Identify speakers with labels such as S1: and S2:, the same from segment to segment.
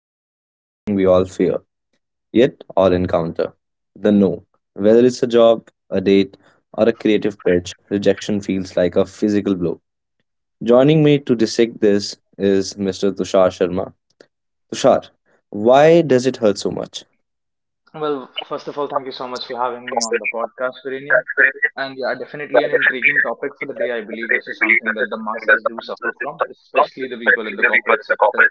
S1: at the one thing we all fear, yet all encounter the no. Whether it's a job, a date, or a creative pitch, rejection feels like a physical blow. Joining me to dissect this is Mr. Tushar Sharma. Tushar, why does it hurt so much?
S2: Well, first of all, thank you so much for having me on the podcast, Virenium. And yeah, definitely an intriguing topic for the day. I believe this is something that the masses do suffer from, especially the people in the corporate sector.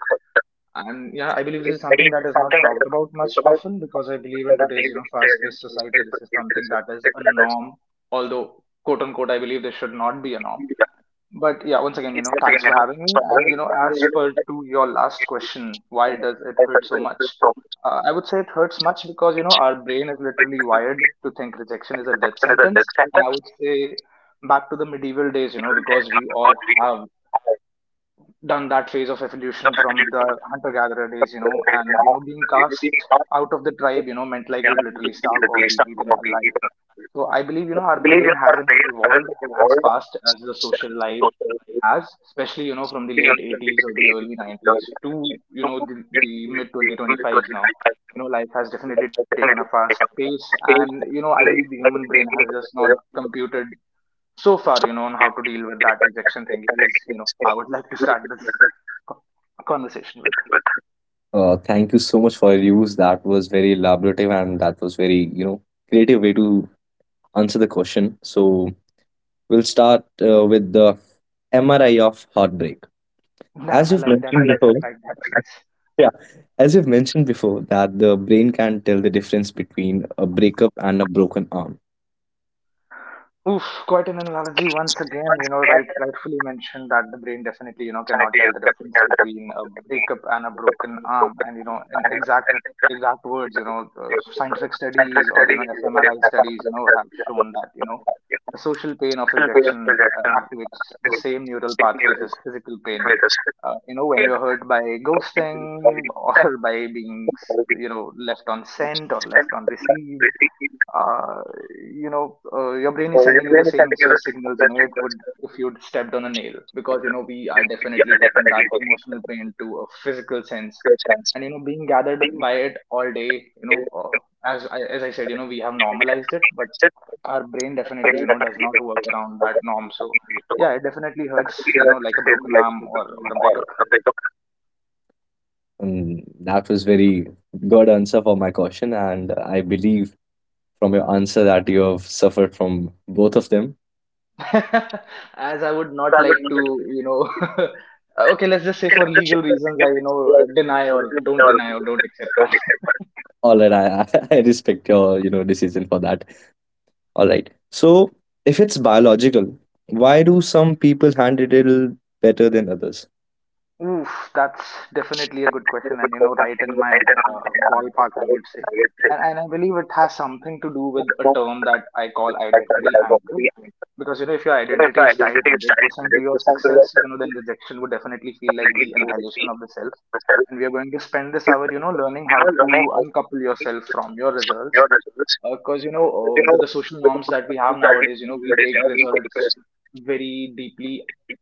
S2: And yeah, I believe this is something that is not talked about much often because I believe in today's, fast-paced society, this is something that is a norm. Although, quote unquote, I believe this should not be a norm. But yeah, once again, thanks for having me. And as per to your last question, why does it hurt so much? I would say it hurts much because our brain is literally wired to think rejection is a death sentence. And I would say back to the medieval days, because we all have done that phase of evolution from the hunter-gatherer days, and being cast out of the tribe, meant like you'd literally starve or be eaten alive. So I believe, our brain hasn't evolved as fast as the social life has, especially, from the late 80s or the early 90s to, the mid 2025s now. Life has definitely taken a fast pace. And, I believe the human brain has just not computed so far, on how to deal with that rejection thing is, I would like to start this co- conversation with.
S1: Thank you so much for your views. That was very elaborative and that was very, creative way to answer the question. So we'll start with the MRI of heartbreak.
S2: Damn,
S1: As
S2: I
S1: you've
S2: like that
S1: mentioned
S2: phrase. I
S1: before,
S2: like that phrase.
S1: yeah, as you've mentioned before, that the brain can tell the difference between a breakup and a broken arm.
S2: Oof, quite an analogy once again. Rightfully mentioned that the brain definitely, cannot tell the difference between a breakup and a broken arm. And in exact words, scientific studies or fMRI studies, have shown that the social pain of rejection activates the same neural pathways as physical pain. When you're hurt by ghosting or by being, left on sent or left on received uh, your brain is sending you the same SOS signals, it would if you'd stepped on a nail because, we are definitely taking that emotional pain to a physical sense. And, being gathered by it all day, you know, as I said, we have normalized it, but our brain definitely, does not work around that norm. So, yeah, it definitely hurts, like a broken arm or a breakup.
S1: And that was very good answer for my question, and I believe from your answer that you have suffered from both of them.
S2: As I would not like to, okay, let's just say for legal reasons, I deny or don't accept that.
S1: All right, I I respect your you know decision for that. All right, so if it's biological, why do some people handle it better than others?
S2: Oof, that's definitely a good question, and right in my ballpark, I would say. And I believe it has something to do with a term that I call identity anchor. Because if your identity is tied 100% to your success, then rejection would definitely feel like the annihilation of the self. And we are going to spend this hour, learning how to uncouple yourself from your results, because with the social norms that we have nowadays, we take results very deeply,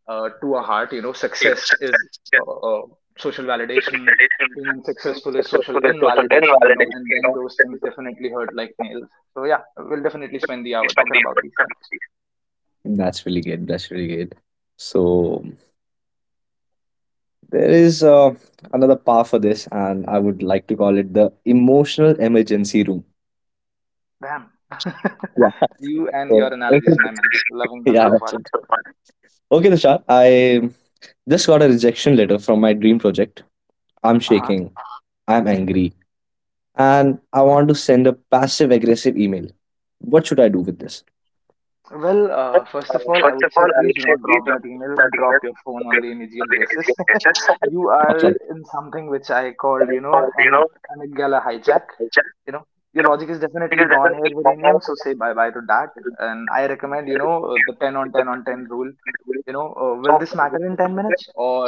S2: to our heart. Success is uh, uh, social validation. Being unsuccessful is social invalidation, and then those things definitely hurt like nails. So yeah, we'll definitely spend the hour talking about these things.
S1: That's really good. That's really good. So there is another power for this, and I would like to call it the emotional emergency room.
S2: Damn, you and your analogies, my man. Loving them
S1: Yeah,
S2: so
S1: that's
S2: far.
S1: it. Okay, Tushar, I just got a rejection letter from my dream project. I'm
S2: Uh-huh.
S1: shaking. I'm angry, and I want to send a passive aggressive email. What should I do with this?
S2: Well, first of all, I would say please do not drop that email. Drop your phone on the immediate basis. You are
S1: Awesome.
S2: in something which I called, you know, an gala hijack. You know your logic is definitely gone here, Virenium, so say bye bye to that. And I recommend, the 10 on 10 on 10 rule. Will this matter in 10 minutes? Or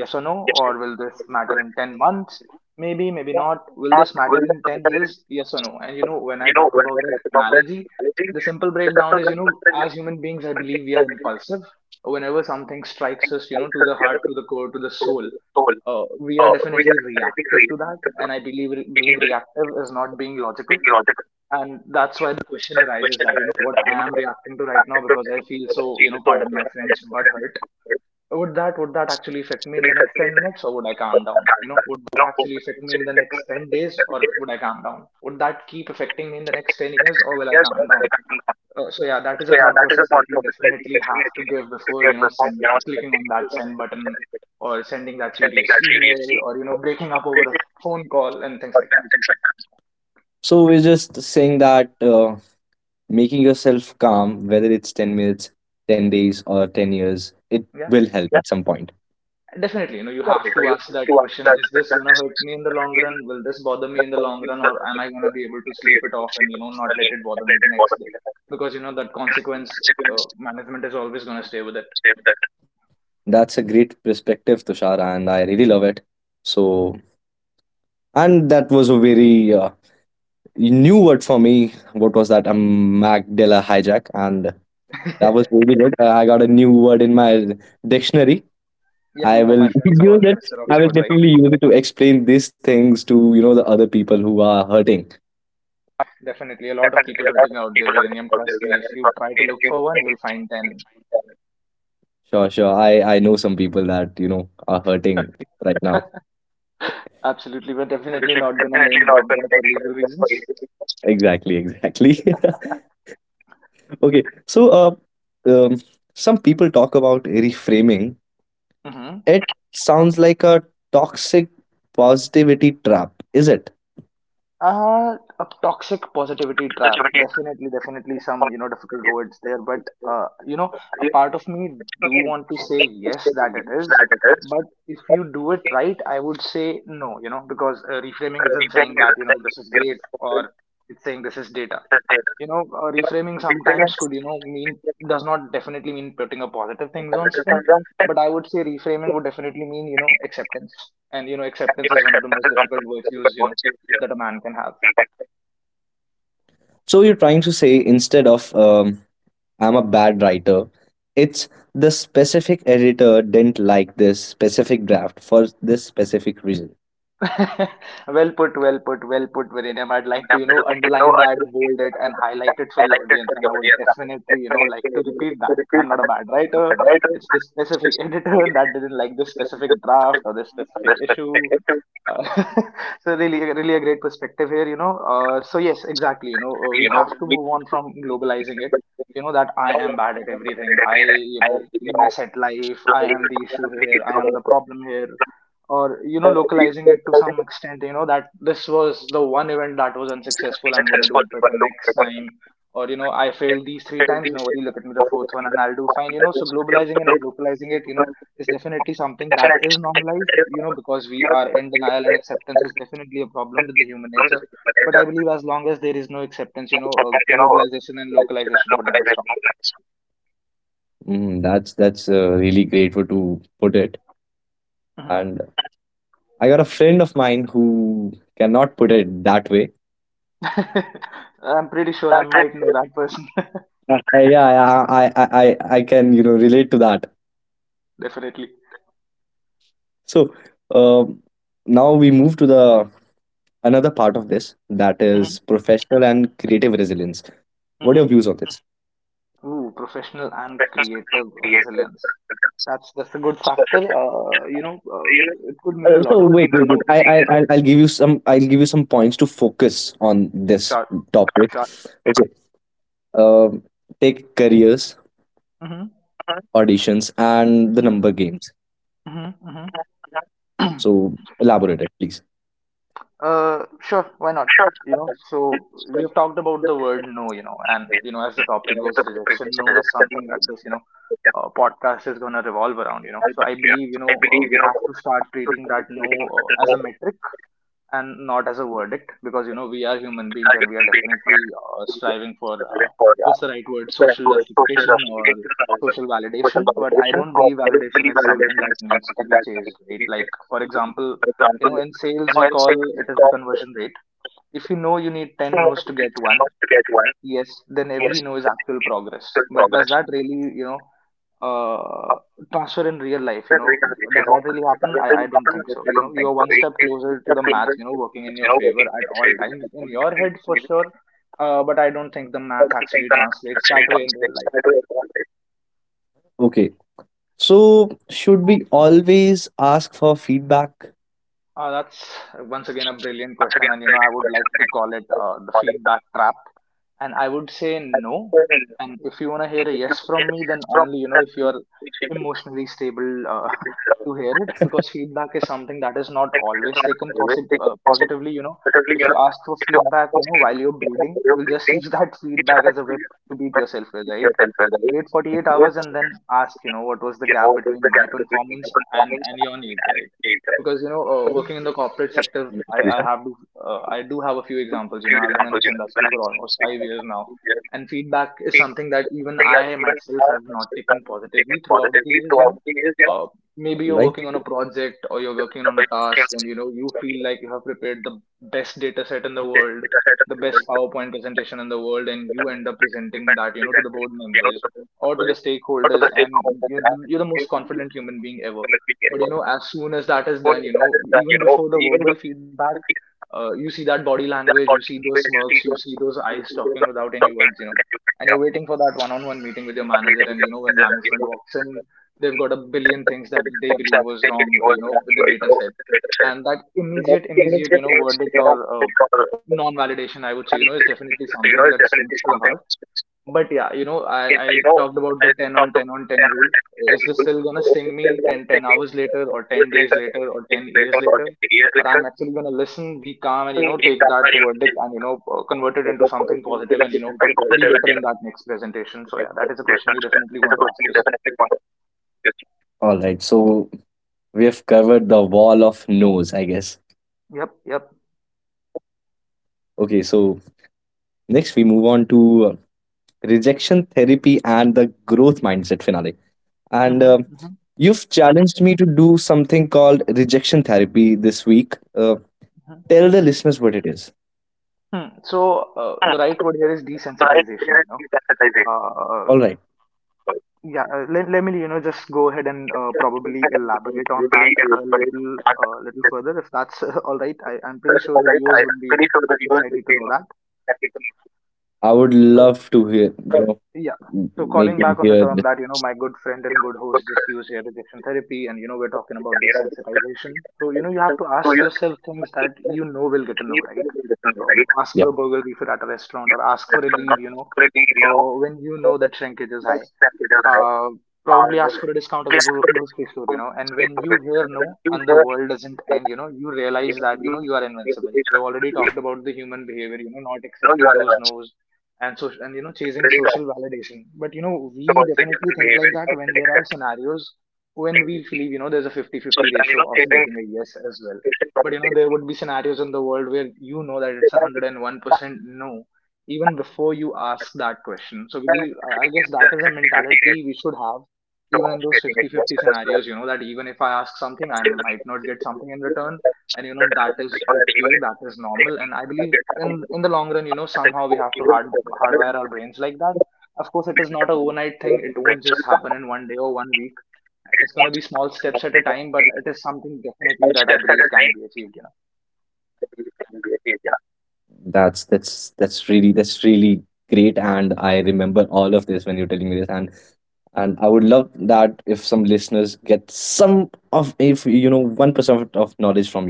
S2: yes or no? Or will this matter in 10 months? Maybe maybe not. Will this matter in 10 years? Yes or no? And when I talk about that analogy, the simple breakdown is, as human beings I believe we are impulsive. Whenever something strikes us, to the heart, to the core, to the soul, we are definitely reactive to that. And I believe being reactive is not being logical. And that's why the question arises that, what I am reacting to right now, because I feel so, pardon my French, but hurt. Would that actually affect me in the next 10 minutes, or would I calm down? Would that actually affect me in the next 10 days, or would I calm down? Would that keep affecting me in the next 10 years, or will I calm down? So yeah, that is a thought process that you definitely have to give before, sending, clicking on that send button, or sending that furious email, or, breaking up over a phone call and things like that.
S1: So we're just saying that making yourself calm, whether it's 10 minutes, 10 days, or 10 years, it
S2: Yeah,
S1: will help at some point.
S2: definitely. You have to ask that question: is this going to hurt me in the long run? Will this bother me in the long run? Or am I going to be able to sleep it off and, not let it bother me the next day? Because, that consequence management is always going to stay with it.
S1: That's a great perspective, Tushar, and I really love it. So, and that was a very new word for me. What was that? Magdala hijack, and that was really good. I got a new word in my dictionary.
S2: Yeah,
S1: I
S2: my
S1: will
S2: friends call
S1: use
S2: me
S1: it.
S2: Mr.
S1: I will
S2: Oxford, right?
S1: definitely use it to explain these things to you know the other people who are hurting.
S2: Definitely, a lot of people hurting out there, Viranium. Trust me, if you try to look for one, you'll find
S1: Sure, sure. I know some people that you know are hurting right now.
S2: 10. Absolutely, we're definitely not gonna name drop them for legal reasons.
S1: Exactly, exactly. Okay, so um, some people talk about reframing.
S2: Mm-hmm.
S1: It sounds like a toxic positivity trap, is it?
S2: A toxic positivity trap. Definitely, definitely some, difficult words there. But, uh, you know, a part of me do want to say yes, that it is. But if you do it right, I would say no, because reframing isn't saying that, this is great, or it's saying this is data. Reframing sometimes could mean, does not definitely mean putting a positive things on spin. But I would say reframing would definitely mean, acceptance. And acceptance is one of the most difficult virtues, that a man can have.
S1: So you're trying to say, instead of I'm a bad writer, it's the specific editor didn't like this specific draft for this specific reason.
S2: Well put, well put, well put, Virenam. I'd like to, underline that, bold it, and highlight it for the audience. And I would definitely, like to repeat that. I'm not a bad writer. It's this specific editor that didn't like this specific draft or this specific issue. Uh, so really, really a great perspective here. So yes, exactly. We have to move on from globalizing it. That I am bad at everything. I mess at life. I am the issue here. I am the problem here, or localizing it to some extent, that this was the one event that was unsuccessful. I'm going to do better next time. Or I failed these three times, no worry, look at me the fourth one and I'll do fine. So globalizing it and localizing it, is definitely something that is normalized, because we are in denial, and acceptance is definitely a problem with the human nature. But I believe, as long as there is no acceptance, globalization and localization would never stop.
S1: Mm, that's really great way to put it. And I got a friend of mine who cannot put it that way.
S2: Mhm. I'm pretty sure I might know that person.
S1: Yeah, I can you know relate to that.
S2: Definitely.
S1: So um, now we move to the another part of this that
S2: Hmm.
S1: is professional and creative resilience. What are your
S2: Hmm.
S1: views on this?
S2: Ooh, professional and creative resilience. That's a good factor. It could mean
S1: Uh,
S2: a lot
S1: so
S2: of
S1: wait,
S2: things. You
S1: wait, wait.
S2: know,
S1: I, I'll give you some. I'll give you some points to focus on this
S2: sure,
S1: topic.
S2: sure.
S1: Okay. Um, Take careers,
S2: Hmm.
S1: auditions, and the number games.
S2: Hmm. Hmm.
S1: So elaborate it, please.
S2: Sure. Why not? So we have talked about the word no. And as the topic goes, rejection, no, is something that this podcast is gonna revolve around. So I believe we have to start treating that no as a metric and not as a verdict because we are human beings and we are definitely striving for what's the right word, social justification or social validation. But I don't believe validation is something that needs to be chased, right? Like, for example, in sales we call it as the conversion rate. If you know you need 10 no's to get one yes, then every no is actual progress. But does that really, uh, transfer in real life? Does that really happen? I don't think so. You are one step closer to the math working in your favor at all times in your head for sure. But I don't think the math actually translates that way in real life.
S1: Okay. So should we always ask for feedback?
S2: That's once again a brilliant question, and I would like to call it the feedback trap. And I would say no. And if you wanna hear a yes from me, then only you know if you're emotionally stable, to hear it, because feedback is something that is not always taken positively. If you ask for feedback, while you're bleeding, you'll just use that feedback as a whip to beat yourself with, right? Wait 48 hours and then ask, what was the gap between my performance and your needs, right? Because working in the corporate sector, I have to, I do have a few examples. I've been in this industry for almost 5 years now. And feedback is something that even I myself have not taken positively throughout the years. Uh, Maybe you're
S1: Right.
S2: working on a project or you're working on a task, and you feel like you have prepared the best data set in the world, the best PowerPoint presentation in the world, and you end up presenting that, to the board members or to the stakeholders, and you're the most confident human being ever. But as soon as that is done, even before the verbal feedback, you see that body language, you see those smirks, you see those eyes talking without any words. And you're waiting for that one-on-one meeting with your manager, and when management walks in, they've got a billion things that they believe was wrong, with the data set. And that immediate, verdict, or non-validation, I would say, is definitely something that stings to the heart. But yeah, I talked about the 10 on 10 on 10 rule. Is this still gonna sting me ten hours later, or 10 days later, or 10 years later? Or I'm actually gonna listen, be calm, and, take that verdict and, convert it into something positive and, be better in that next presentation. So yeah, that is a question you definitely want to ask yourself.
S1: All right. So we have covered the wall of no's, I guess.
S2: Yep, yep.
S1: Okay. So next we move on to rejection therapy and the growth mindset finale. And
S2: Mm-hmm,
S1: you've challenged me to do something called rejection therapy this week.
S2: mm-hmm,
S1: Tell the listeners what it is.
S2: hmm. So the right word here is desensitization. Uh,
S1: All right,
S2: Yeah, let me, just go ahead and probably elaborate on that a little further, if that's all right. I'm pretty sure the viewers would be, excited to know that.
S1: I would
S2: Uh,
S1: love to hear. You know,
S2: Yeah. So
S1: make
S2: calling
S1: them
S2: back on the
S1: hear.
S2: term that, my good friend and good host just use here, rejection therapy, and, we're talking about desensitization. So, you have to ask yourself things that you know will get a no, right? Ask for a
S1: Yep,
S2: burger refill at a restaurant, or ask for a leave, when you know that shrinkage is high. Uh, Probably ask for a discount as a grocery store, and when you hear no and the world doesn't end, you realize that, you are invincible. We've already talked about the human behavior, not accepting those no's, and so, and chasing social validation. But we definitely think like that when there are scenarios when we believe, there's a fifty-fifty ratio of getting a yes as well. But there would be scenarios in the world where you know that it's 101% no, even before you ask that question. So I guess that is a mentality we should have, even in those fifty-fifty scenarios, that even if I ask something, I might not get something in return. And that is okay, that is normal. And I believe in the long run, somehow we have to hardwire our brains like that. Of course, it is not an overnight thing. It won't just happen in one day or one week. It's going to be small steps at a time, but it is something definitely that I believe can be achieved.
S1: that's really great, and I remember all of this when you're telling me this, and I would love that if some listeners get some of if you know 1% of knowledge from you,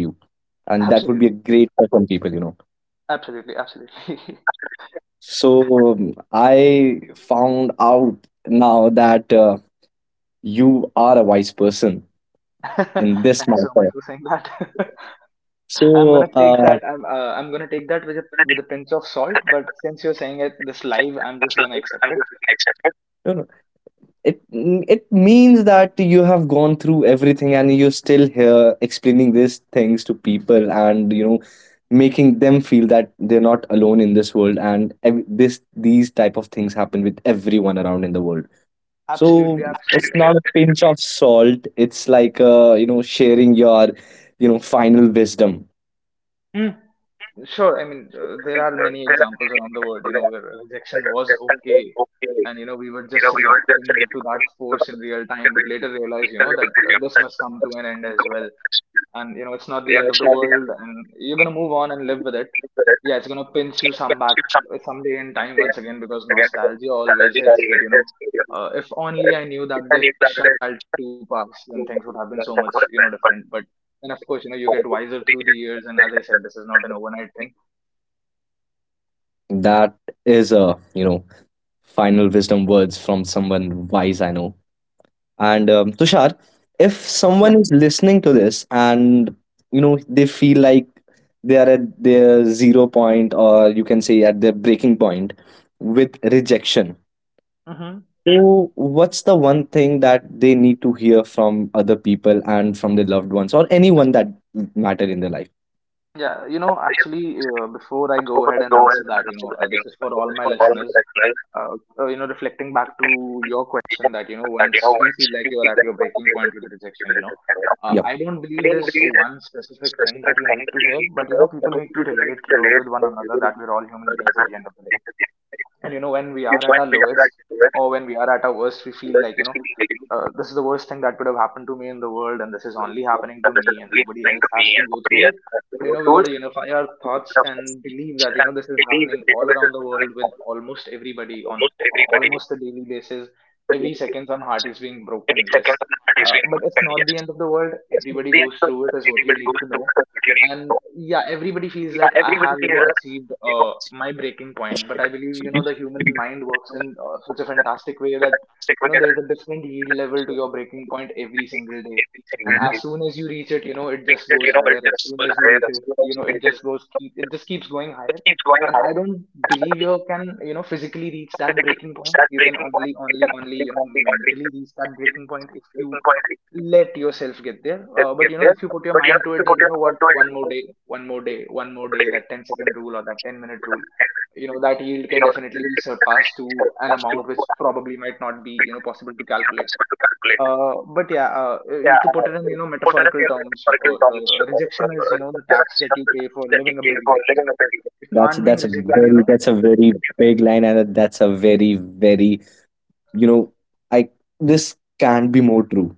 S1: and that would be a
S2: Absolutely,
S1: great for some people you know.
S2: absolutely, absolutely.
S1: So I found out now that you are a wise person in this
S2: Thank you so much
S1: matter.
S2: for saying that. I'm gonna
S1: So
S2: take that. I'm gonna take that with a pinch of salt. But since you're saying it this live, I'm just gonna accept it.
S1: you know, it means that you have gone through everything and you're still here explaining these things to people, and you know making them feel that they're not alone in this world, and this these type of things happen with everyone around in the world. So
S2: Absolutely,
S1: it's
S2: absolutely.
S1: not a pinch of salt. It's like you know sharing your you know final wisdom.
S2: Mm. Sure, I mean, there are many examples around the world, where rejection was okay, and we were just reacting to that force in real time, but later realized, that this must come to an end as well. And it's not the end of the world, and you're gonna move on and live with it. Yeah, it's gonna pinch you some back, someday in time once again, because nostalgia always hits, but if only I knew that this shall too pass, then things would have been so much, different. But, and of course, you get wiser through the years, and as I said, this is not an overnight thing.
S1: That is a you know final wisdom words from someone wise I know. And Tushar, if someone is listening to this and you know they feel like they are at their zero point, or you can say at their breaking point with rejection.
S2: Mm-hmm.
S1: So, what's the one thing that they need to hear from other people and from their loved ones or anyone that matter in their life?
S2: Yeah, actually, before I go ahead and answer that, this is for all my listeners. Uh, Reflecting back to your question that, once you feel like you're at your breaking point with rejection,
S1: Yep,
S2: I don't believe there's one specific thing that you need to hear, but, people need to relate with one another that we're all human beings at the end of the day. And when we are at our lowest, or when we are at our worst, we feel like, this is the worst thing that could have happened to me in the world, and this is only happening to me, and nobody else has to go through it. But we got to unify our thoughts and believe that, this is happening all around the world with almost everybody on almost a daily basis. Every second, some heart is being broken, yes. But it's not the end of the world. Everybody goes through it, is what you need to know. And yeah, everybody feels like I have, achieved, my breaking point. But I believe, the human mind works in such a fantastic way that there is a different yield level to your breaking point every single day. And as soon as you reach it, it just goes higher. As soon as you reach it, it just goes keep it just keeps going higher. And I don't believe you can, physically reach that breaking point. You can only, mentally reach that breaking point if you let yourself get there. But if you put your mind to it that, what, one more day, one more day, one more day, that ten-second rule or that 10-minute rule, that yield can definitely be surpassed to an amount which probably might not be, possible to calculate. But yeah, to put it in, metaphorical terms, rejection is, the tax that you pay for living a big life. If you aren't being
S1: that's a
S2: rejected
S1: very
S2: you know
S1: big line, and that's a very very you know I this can't be more true.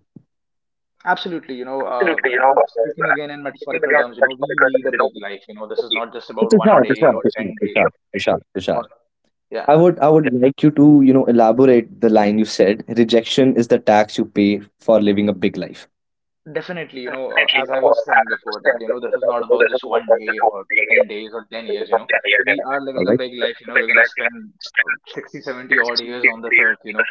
S2: Absolutely. Speaking again in metaphorical terms, we lead a big life. This is not just
S1: So,
S2: about one day or 10 days.
S1: Tushar,
S2: Or, yeah,
S1: I would like you to you know elaborate the line you said. Rejection is the tax you pay for living a big life.
S2: definitely. As I was saying before that, this is not about just one day or 10 days or 10 years. We are
S1: All
S2: living a
S1: right.
S2: big life, we're going to spend 60, 70 odd years on this earth,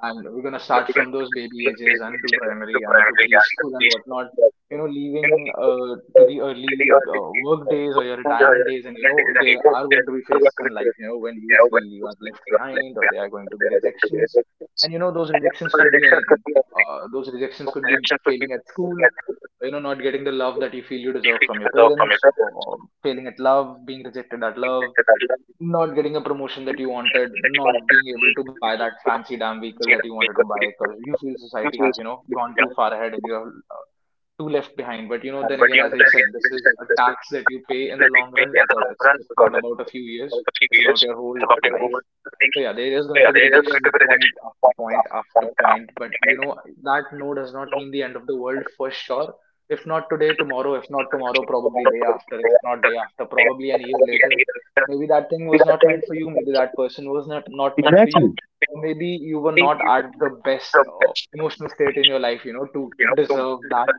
S2: and we're going to start from those baby ages and to primary and to preschool and whatnot, leaving to the early work days or your retirement days. And, there are going to be phases in life, when you feel you are left behind or there are going to be rejections. And, you know, those rejections could be anything. Those rejections could be failing at school, you know, not getting the love that you feel you deserve from your parents, or failing at love, being rejected at love, not getting a promotion that you wanted, not being able to buy that fancy damn vehicle that you wanted to buy because you feel society has, you know, gone too far ahead and you are too left behind. But, you know, then again, as I said, this is a tax that you pay in the long run because it's just not about a few years, it's about your whole life. So yeah, there is going to be rejection point after point after point, but you know that no does not mean the end of the world for sure. If not today, tomorrow. If not tomorrow, probably day after. If not day after, probably an year later. Maybe that thing was not meant for you. Maybe that person was not meant for you.
S1: Exactly.
S2: Or maybe you were not at the best emotional state in your life, you know, to deserve that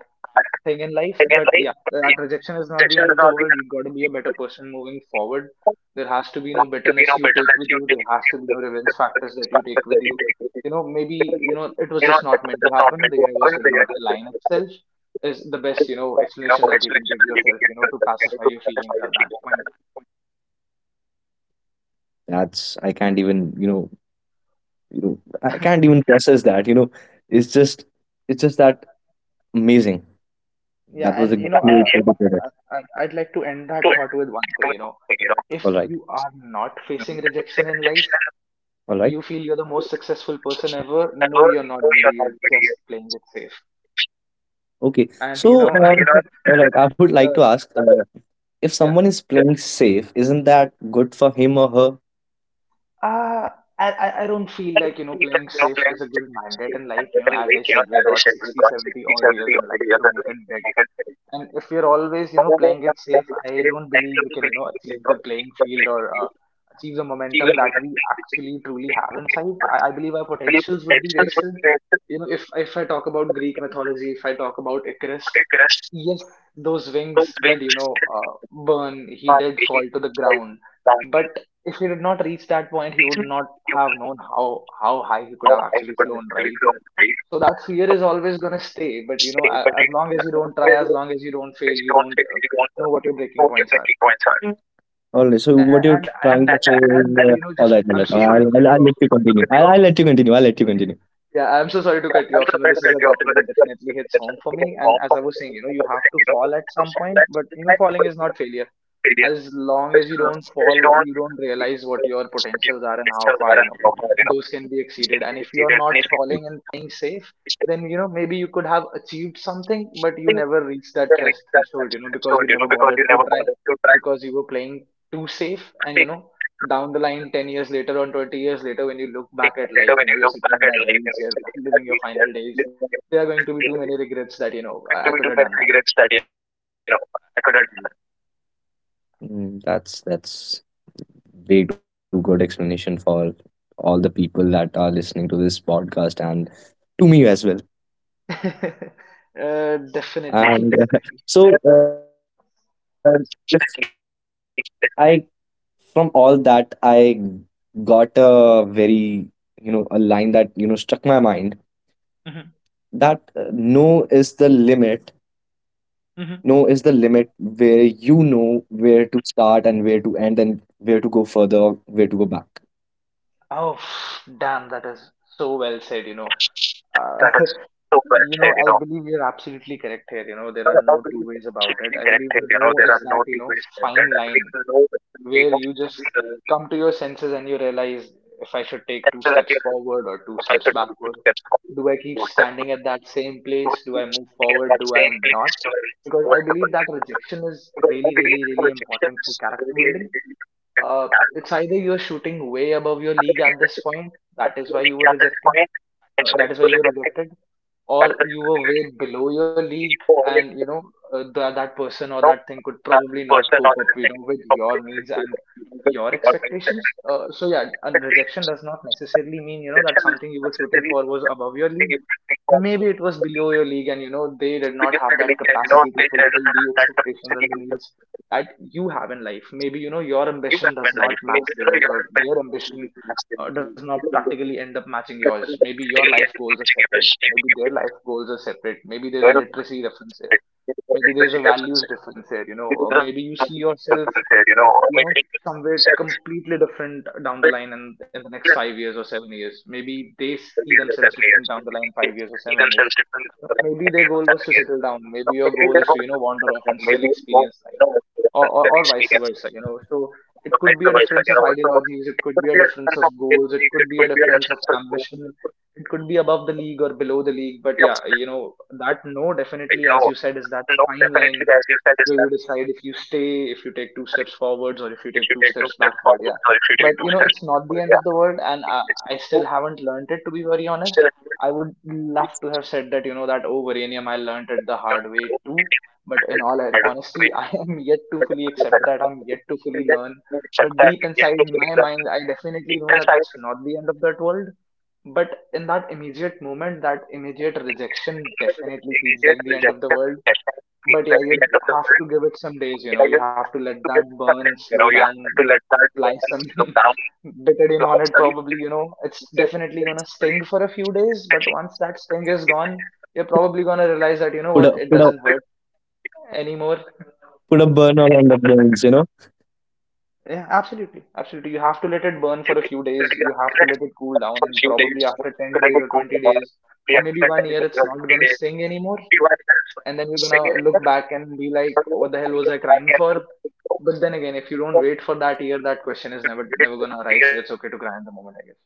S2: thing in life. But yeah, that rejection is not the end of the world. You got to be a better person moving forward. There has to be no bitterness you take with you. There has to be no revenge factors that you take with you. You know, maybe you know it was just not meant to happen. The universe did not align itself. Is the best you know explanation that you can give yourself. You know, to pacify your feelings at that point.
S1: That's I can't even you know, I can't even process that. You know, it's just that amazing. That
S2: Yeah,
S1: was a
S2: and you
S1: great
S2: know,
S1: way to put it.
S2: I'd like to end that thought with one thing. You know, if
S1: All right,
S2: you are not facing rejection in life
S1: all right,
S2: you feel you're the most successful person ever. No, you're not, buddy. You're just playing it safe.
S1: okay.
S2: And you
S1: So,
S2: know,
S1: all right, I would like
S2: uh,
S1: to ask if
S2: yeah,
S1: someone is playing safe, isn't that good for him or her?
S2: uh, I don't feel like, you know, playing safe is a good mandate in life. You know, as I said, we got 60, seventy 70 odd years in life to make it big. And if we're always, you know, playing it safe, I don't believe we can, you know, achieve the playing field or achieve the momentum that we actually truly have inside. I believe our potentials would be wasted. You know, if I talk about Greek mythology, if I talk about Icarus, yes, those wings did, you know, burn. He did fall to the ground. But if he did not reach that point, he would not have known how high he could have actually flown, right? So that fear is always going to stay. But you know, as long as you don't try, as long as you don't fail, you don't know what your breaking points are.
S1: All right. So,
S2: A- a-
S1: what you're
S2: And
S1: trying
S2: and
S1: to say is,
S2: and you know,
S1: all
S2: just
S1: right, all
S2: I'm
S1: right.
S2: so sorry to cut
S1: I'll
S2: you
S1: let you continue. I'll let you continue. I'll let you
S2: off.
S1: continue.
S2: Yeah, I'm so sorry to cut you off. You know, this is a topic that definitely hits home for me. And as I was saying, you know, you have to fall at some point, but you know, falling is not failure. As long as you don't fall, you don't realize what your potentials are and how far, you know, those can be exceeded. And if you're not falling and playing safe, then, you know, maybe you could have achieved something, but you never reached that threshold, you know, because you never bothered to try, because you were playing too safe. And, you know, down the line, 10 years later or 20 years later, when you look back at life, you know, you're sitting in that wheelchair, living your final days. There are going to be too many regrets that, you know, I could have done
S1: Mm, that's way too good explanation for all the people that are listening to this podcast and to me as well.
S2: that. Definitely,
S1: And
S2: definitely.
S1: so I, from all that, I got a very, you know, a line that, you know, struck my mind that
S2: Hmm.
S1: no is the limit. No is the limit
S2: Hmm.
S1: where you know where to start and where to end and where to go further, where to go back.
S2: Oh, damn, that is so well said, you know. Uh, you know, I believe you're absolutely correct here. You know, there are no two ways about it. I believe no is that, you know, fine line where you just come to your senses and you realize if I should take two steps forward or two steps backward. Do I keep standing at that same place? Do I move forward? Do I not? Because I believe that rejection is really, really, really important for character building. It's either you're shooting way above your league at this point, that is why you were rejected, uh, that is why you were rejected, or you were way below your league, and you know that person or that thing could probably not cope up, you know, with your needs and your expectations. So yeah, and rejection does not necessarily mean you know that something you were shooting for was above your league. Maybe it was below your league and you know they did not have that capacity to fulfill the expectations and the needs that you have in life. Maybe you know your ambition does not match theirs or their ambition does not practically end up matching yours. Maybe your life goals are separate, maybe their life goals are separate, maybe there's a literacy difference here, maybe there's a values difference here, you know, or maybe you see yourself, you know, somewhere completely different down the line in the next 5 years or 7 years. Maybe they see themselves different down the line 5 years or 7 years. You know, maybe their goal was to settle down, maybe your goal is to you know wander off and still experience life, or vice versa, you know. So it could be a difference of ideologies, it could be a difference of goals, it could be a difference of ambition, it could be above the league or below the league, but yeah, you know, that no definitely as you said is that fine line where you decide if you stay, if you take two steps forwards, or if you take two steps backward. Yeah. But you know, it's not the end of the world, and I still haven't learned it to be very honest. I would love to have said that, you know, that oh, Varanium, I learned it the hard way too. But in all honesty, I am yet to fully accept that. I'm yet to fully learn. But deep inside my mind, I definitely know that it's not the end of that world. But in that immediate moment, that immediate rejection definitely feels like the end of the world. But yeah, you have to give it some days, you know, you have to let that burn, slow down, apply some betadine on it, probably, you know, it's definitely gonna sting for a few days, but once that sting is gone, you're probably gonna realize that, you know what,
S1: Put
S2: it
S1: a put
S2: doesn't
S1: a
S2: hurt anymore.
S1: Put a burner on the brains, you know.
S2: Yeah, absolutely. Absolutely. You have to let it burn for a few days. You have to let it cool down, and probably after 10 days or 20 days, or maybe one year, it's not going to sting anymore. And then you're gonna look back and be like what the hell was I crying for. But then again if you don't wait for that year that question is never gonna arise, so it's okay to cry in the moment I guess.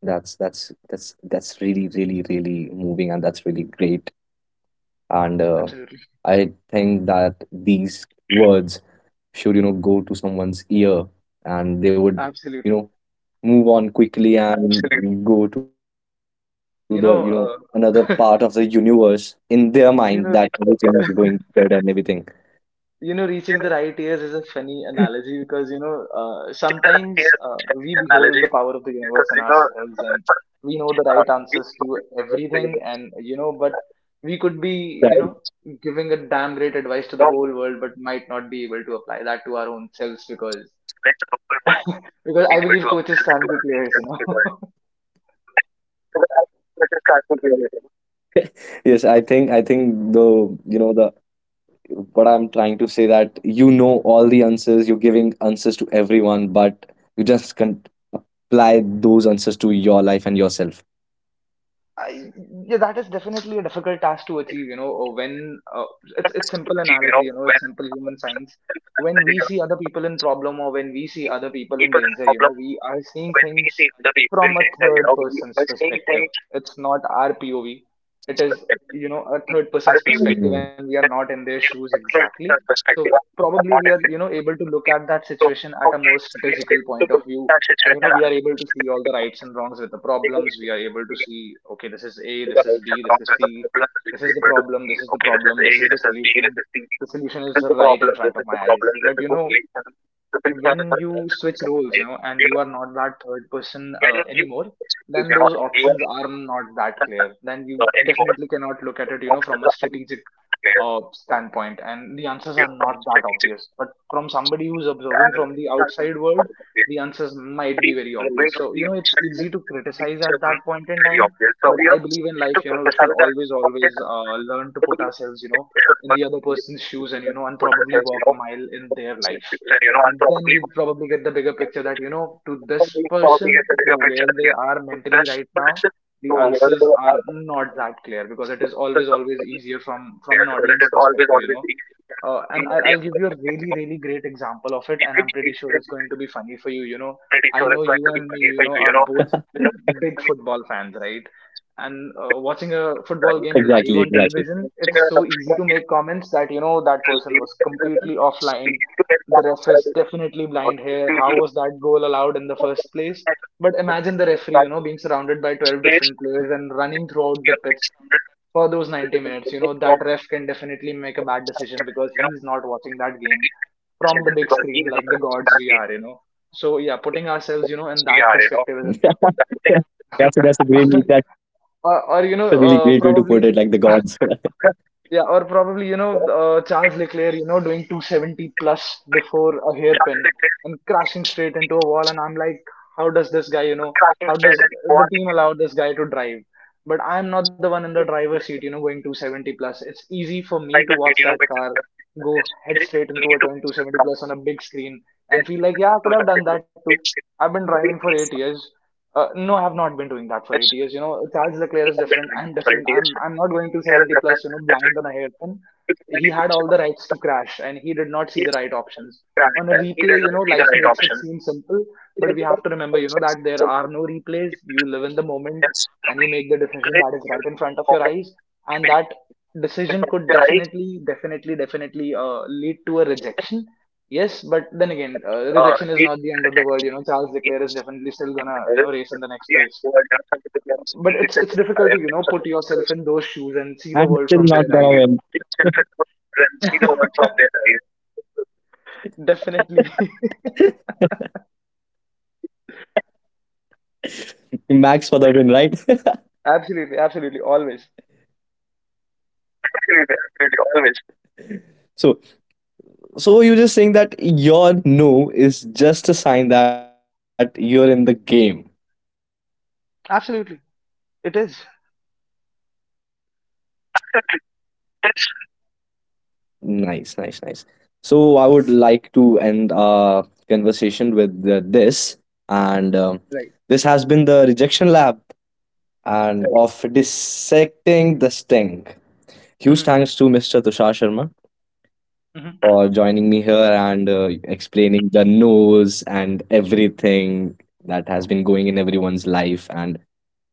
S1: That's really moving and that's really great. And
S2: Absolutely,
S1: I think that these words should you know go to someone's ear and they would you know
S2: absolutely,
S1: move on quickly and go to the you know another part
S2: you
S1: of the
S2: know,
S1: universe
S2: uh,
S1: in their mind that everything is
S2: you
S1: going
S2: know
S1: good and everything.
S2: you know reaching the right ears is a funny analogy because you know sometimes we behold the power of the universe in ourselves and we know the right answers to everything and you know but
S1: That-
S2: we could be you know giving a damn great advice to the whole world but might not be able to apply that to our own selves because because I believe coaches can't be players, you know.
S1: yes, I think the you know the what I'm trying to say that you know all the answers you're giving answers to everyone but you just can't apply those answers to your life and yourself.
S2: I, yeah, that is definitely a difficult task to achieve, you know, when it's simple analogy, you know, it's simple human science. When we see other people in problem or when we see other people in danger, you know, we are seeing things from a third person's perspective. It's not our POV. It is, you know, a third person's
S1: Mm.
S2: perspective and we are not in their shoes exactly. So probably we are, you know, able to look at that situation at a more strategical point of view, and you know we are able to see all the rights and wrongs with the problems. We are able to see okay this is a, this is b, this is c, this is the problem, this is the problem, this is the solution. The solution is right in front of my eyes but you know when you switch roles, you know, and you are not that third person anymore, then those options are not that clear. Then you definitely cannot look at it, you know, from a strategic standpoint, and the answers are not that obvious. But from somebody who's observing from the outside world, the answers might be very obvious. So, you know, it's easy to criticize at that point in time. But I believe in life, you know, we should always, learn to put ourselves, you know, in the other person's shoes and, you know, and probably walk a mile in their life, and then we probably get the bigger picture that you know to this person. To where they are mentally right now, the answers are not that clear, because it is always easier from an audience perspective, you know. And I'll give you a really, really great example of it, and I'm pretty sure it's going to be funny for you. You know, I know you and me, you know, are both big football fans, right? And watching a football game live on
S1: Exactly.
S2: television, it's so easy to make comments that, you know, that person was completely offline. The ref is definitely blind here. How was that goal allowed in the first place? But imagine the referee, you know, being surrounded by 12 different players and running throughout the pitch for those 90 minutes. You know, that ref can definitely make a bad decision because he's not watching that game from the big screen like the gods we are, you know. So yeah, putting ourselves, you know, in that perspective is important.
S1: That's a really great way to put
S2: Or
S1: it,
S2: you
S1: like
S2: know,
S1: the gods.
S2: probably Or probably, Charles Leclerc, you know, doing 270 plus before a hairpin and crashing straight into a wall. And I'm like, how does this guy, you know, how does the team allow this guy to drive? But I'm not the one in the driver's seat, you know, going 270 plus. It's easy for me to watch that car go head straight into a turn 270 plus on a big screen and feel like, yeah, I could have done that too. I've been driving for 8 years. No, I have not been doing that for 8 years. You know, Charles Leclerc is different. I'm different. I'm not going to 70 plus, you know, blind on a hairpin. He had all the rights to crash and he did not see the right options. On a replay, you know, life makes it seem simple, but we have to remember, you know, that there are no replays. You live in the moment and you make the decision that is right in front of your eyes. And that decision could definitely lead to a rejection. Yes, but then again, rejection is not the end of the world. You know, Charles Leclerc is definitely still gonna, you know, race in the next race. But it's difficult to, you know, put yourself in those shoes and
S1: And
S2: see the
S1: still
S2: world
S1: not
S2: from their
S1: gonna
S2: eyes.
S1: win.
S2: Definitely.
S1: Max for the win, right?
S2: Absolutely, absolutely, always.
S1: So so you're just saying that your no is just a sign that you're in the game.
S2: Absolutely. It is.
S1: Nice, nice, nice. So I would like to end our conversation with this, and this
S2: Right.
S1: has been the Rejection Lab and of dissecting the sting. Huge
S2: Mm-hmm.
S1: thanks to Mr. Tushar Sharma
S2: Mm-hmm.
S1: for joining me here and explaining the news and everything that has been going in everyone's life. And,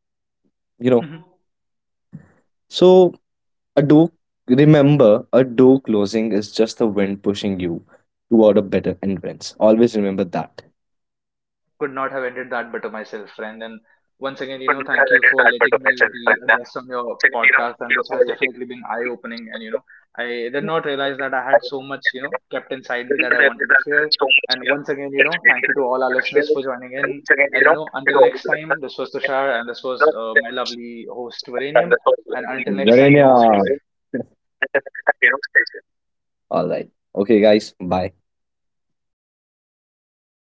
S2: Mm-hmm.
S1: you know, so a door, remember, a door closing is just the wind pushing you toward a better entrance. Always remember that.
S2: Could not have ended that better myself, friend. And once again, you know, thank you for letting me be a guest on your podcast. And this has definitely been eye opening. And, you know, I did not realize that I had so much, you know, kept inside me that I wanted to share. And once again, you know, thank you to all our listeners for joining in. And, you know, until next time, this was Tushar and this was my lovely host, Varanium. And until next time, you
S1: Jarenia.
S2: know, stay safe.
S1: All right. Okay, guys. Bye.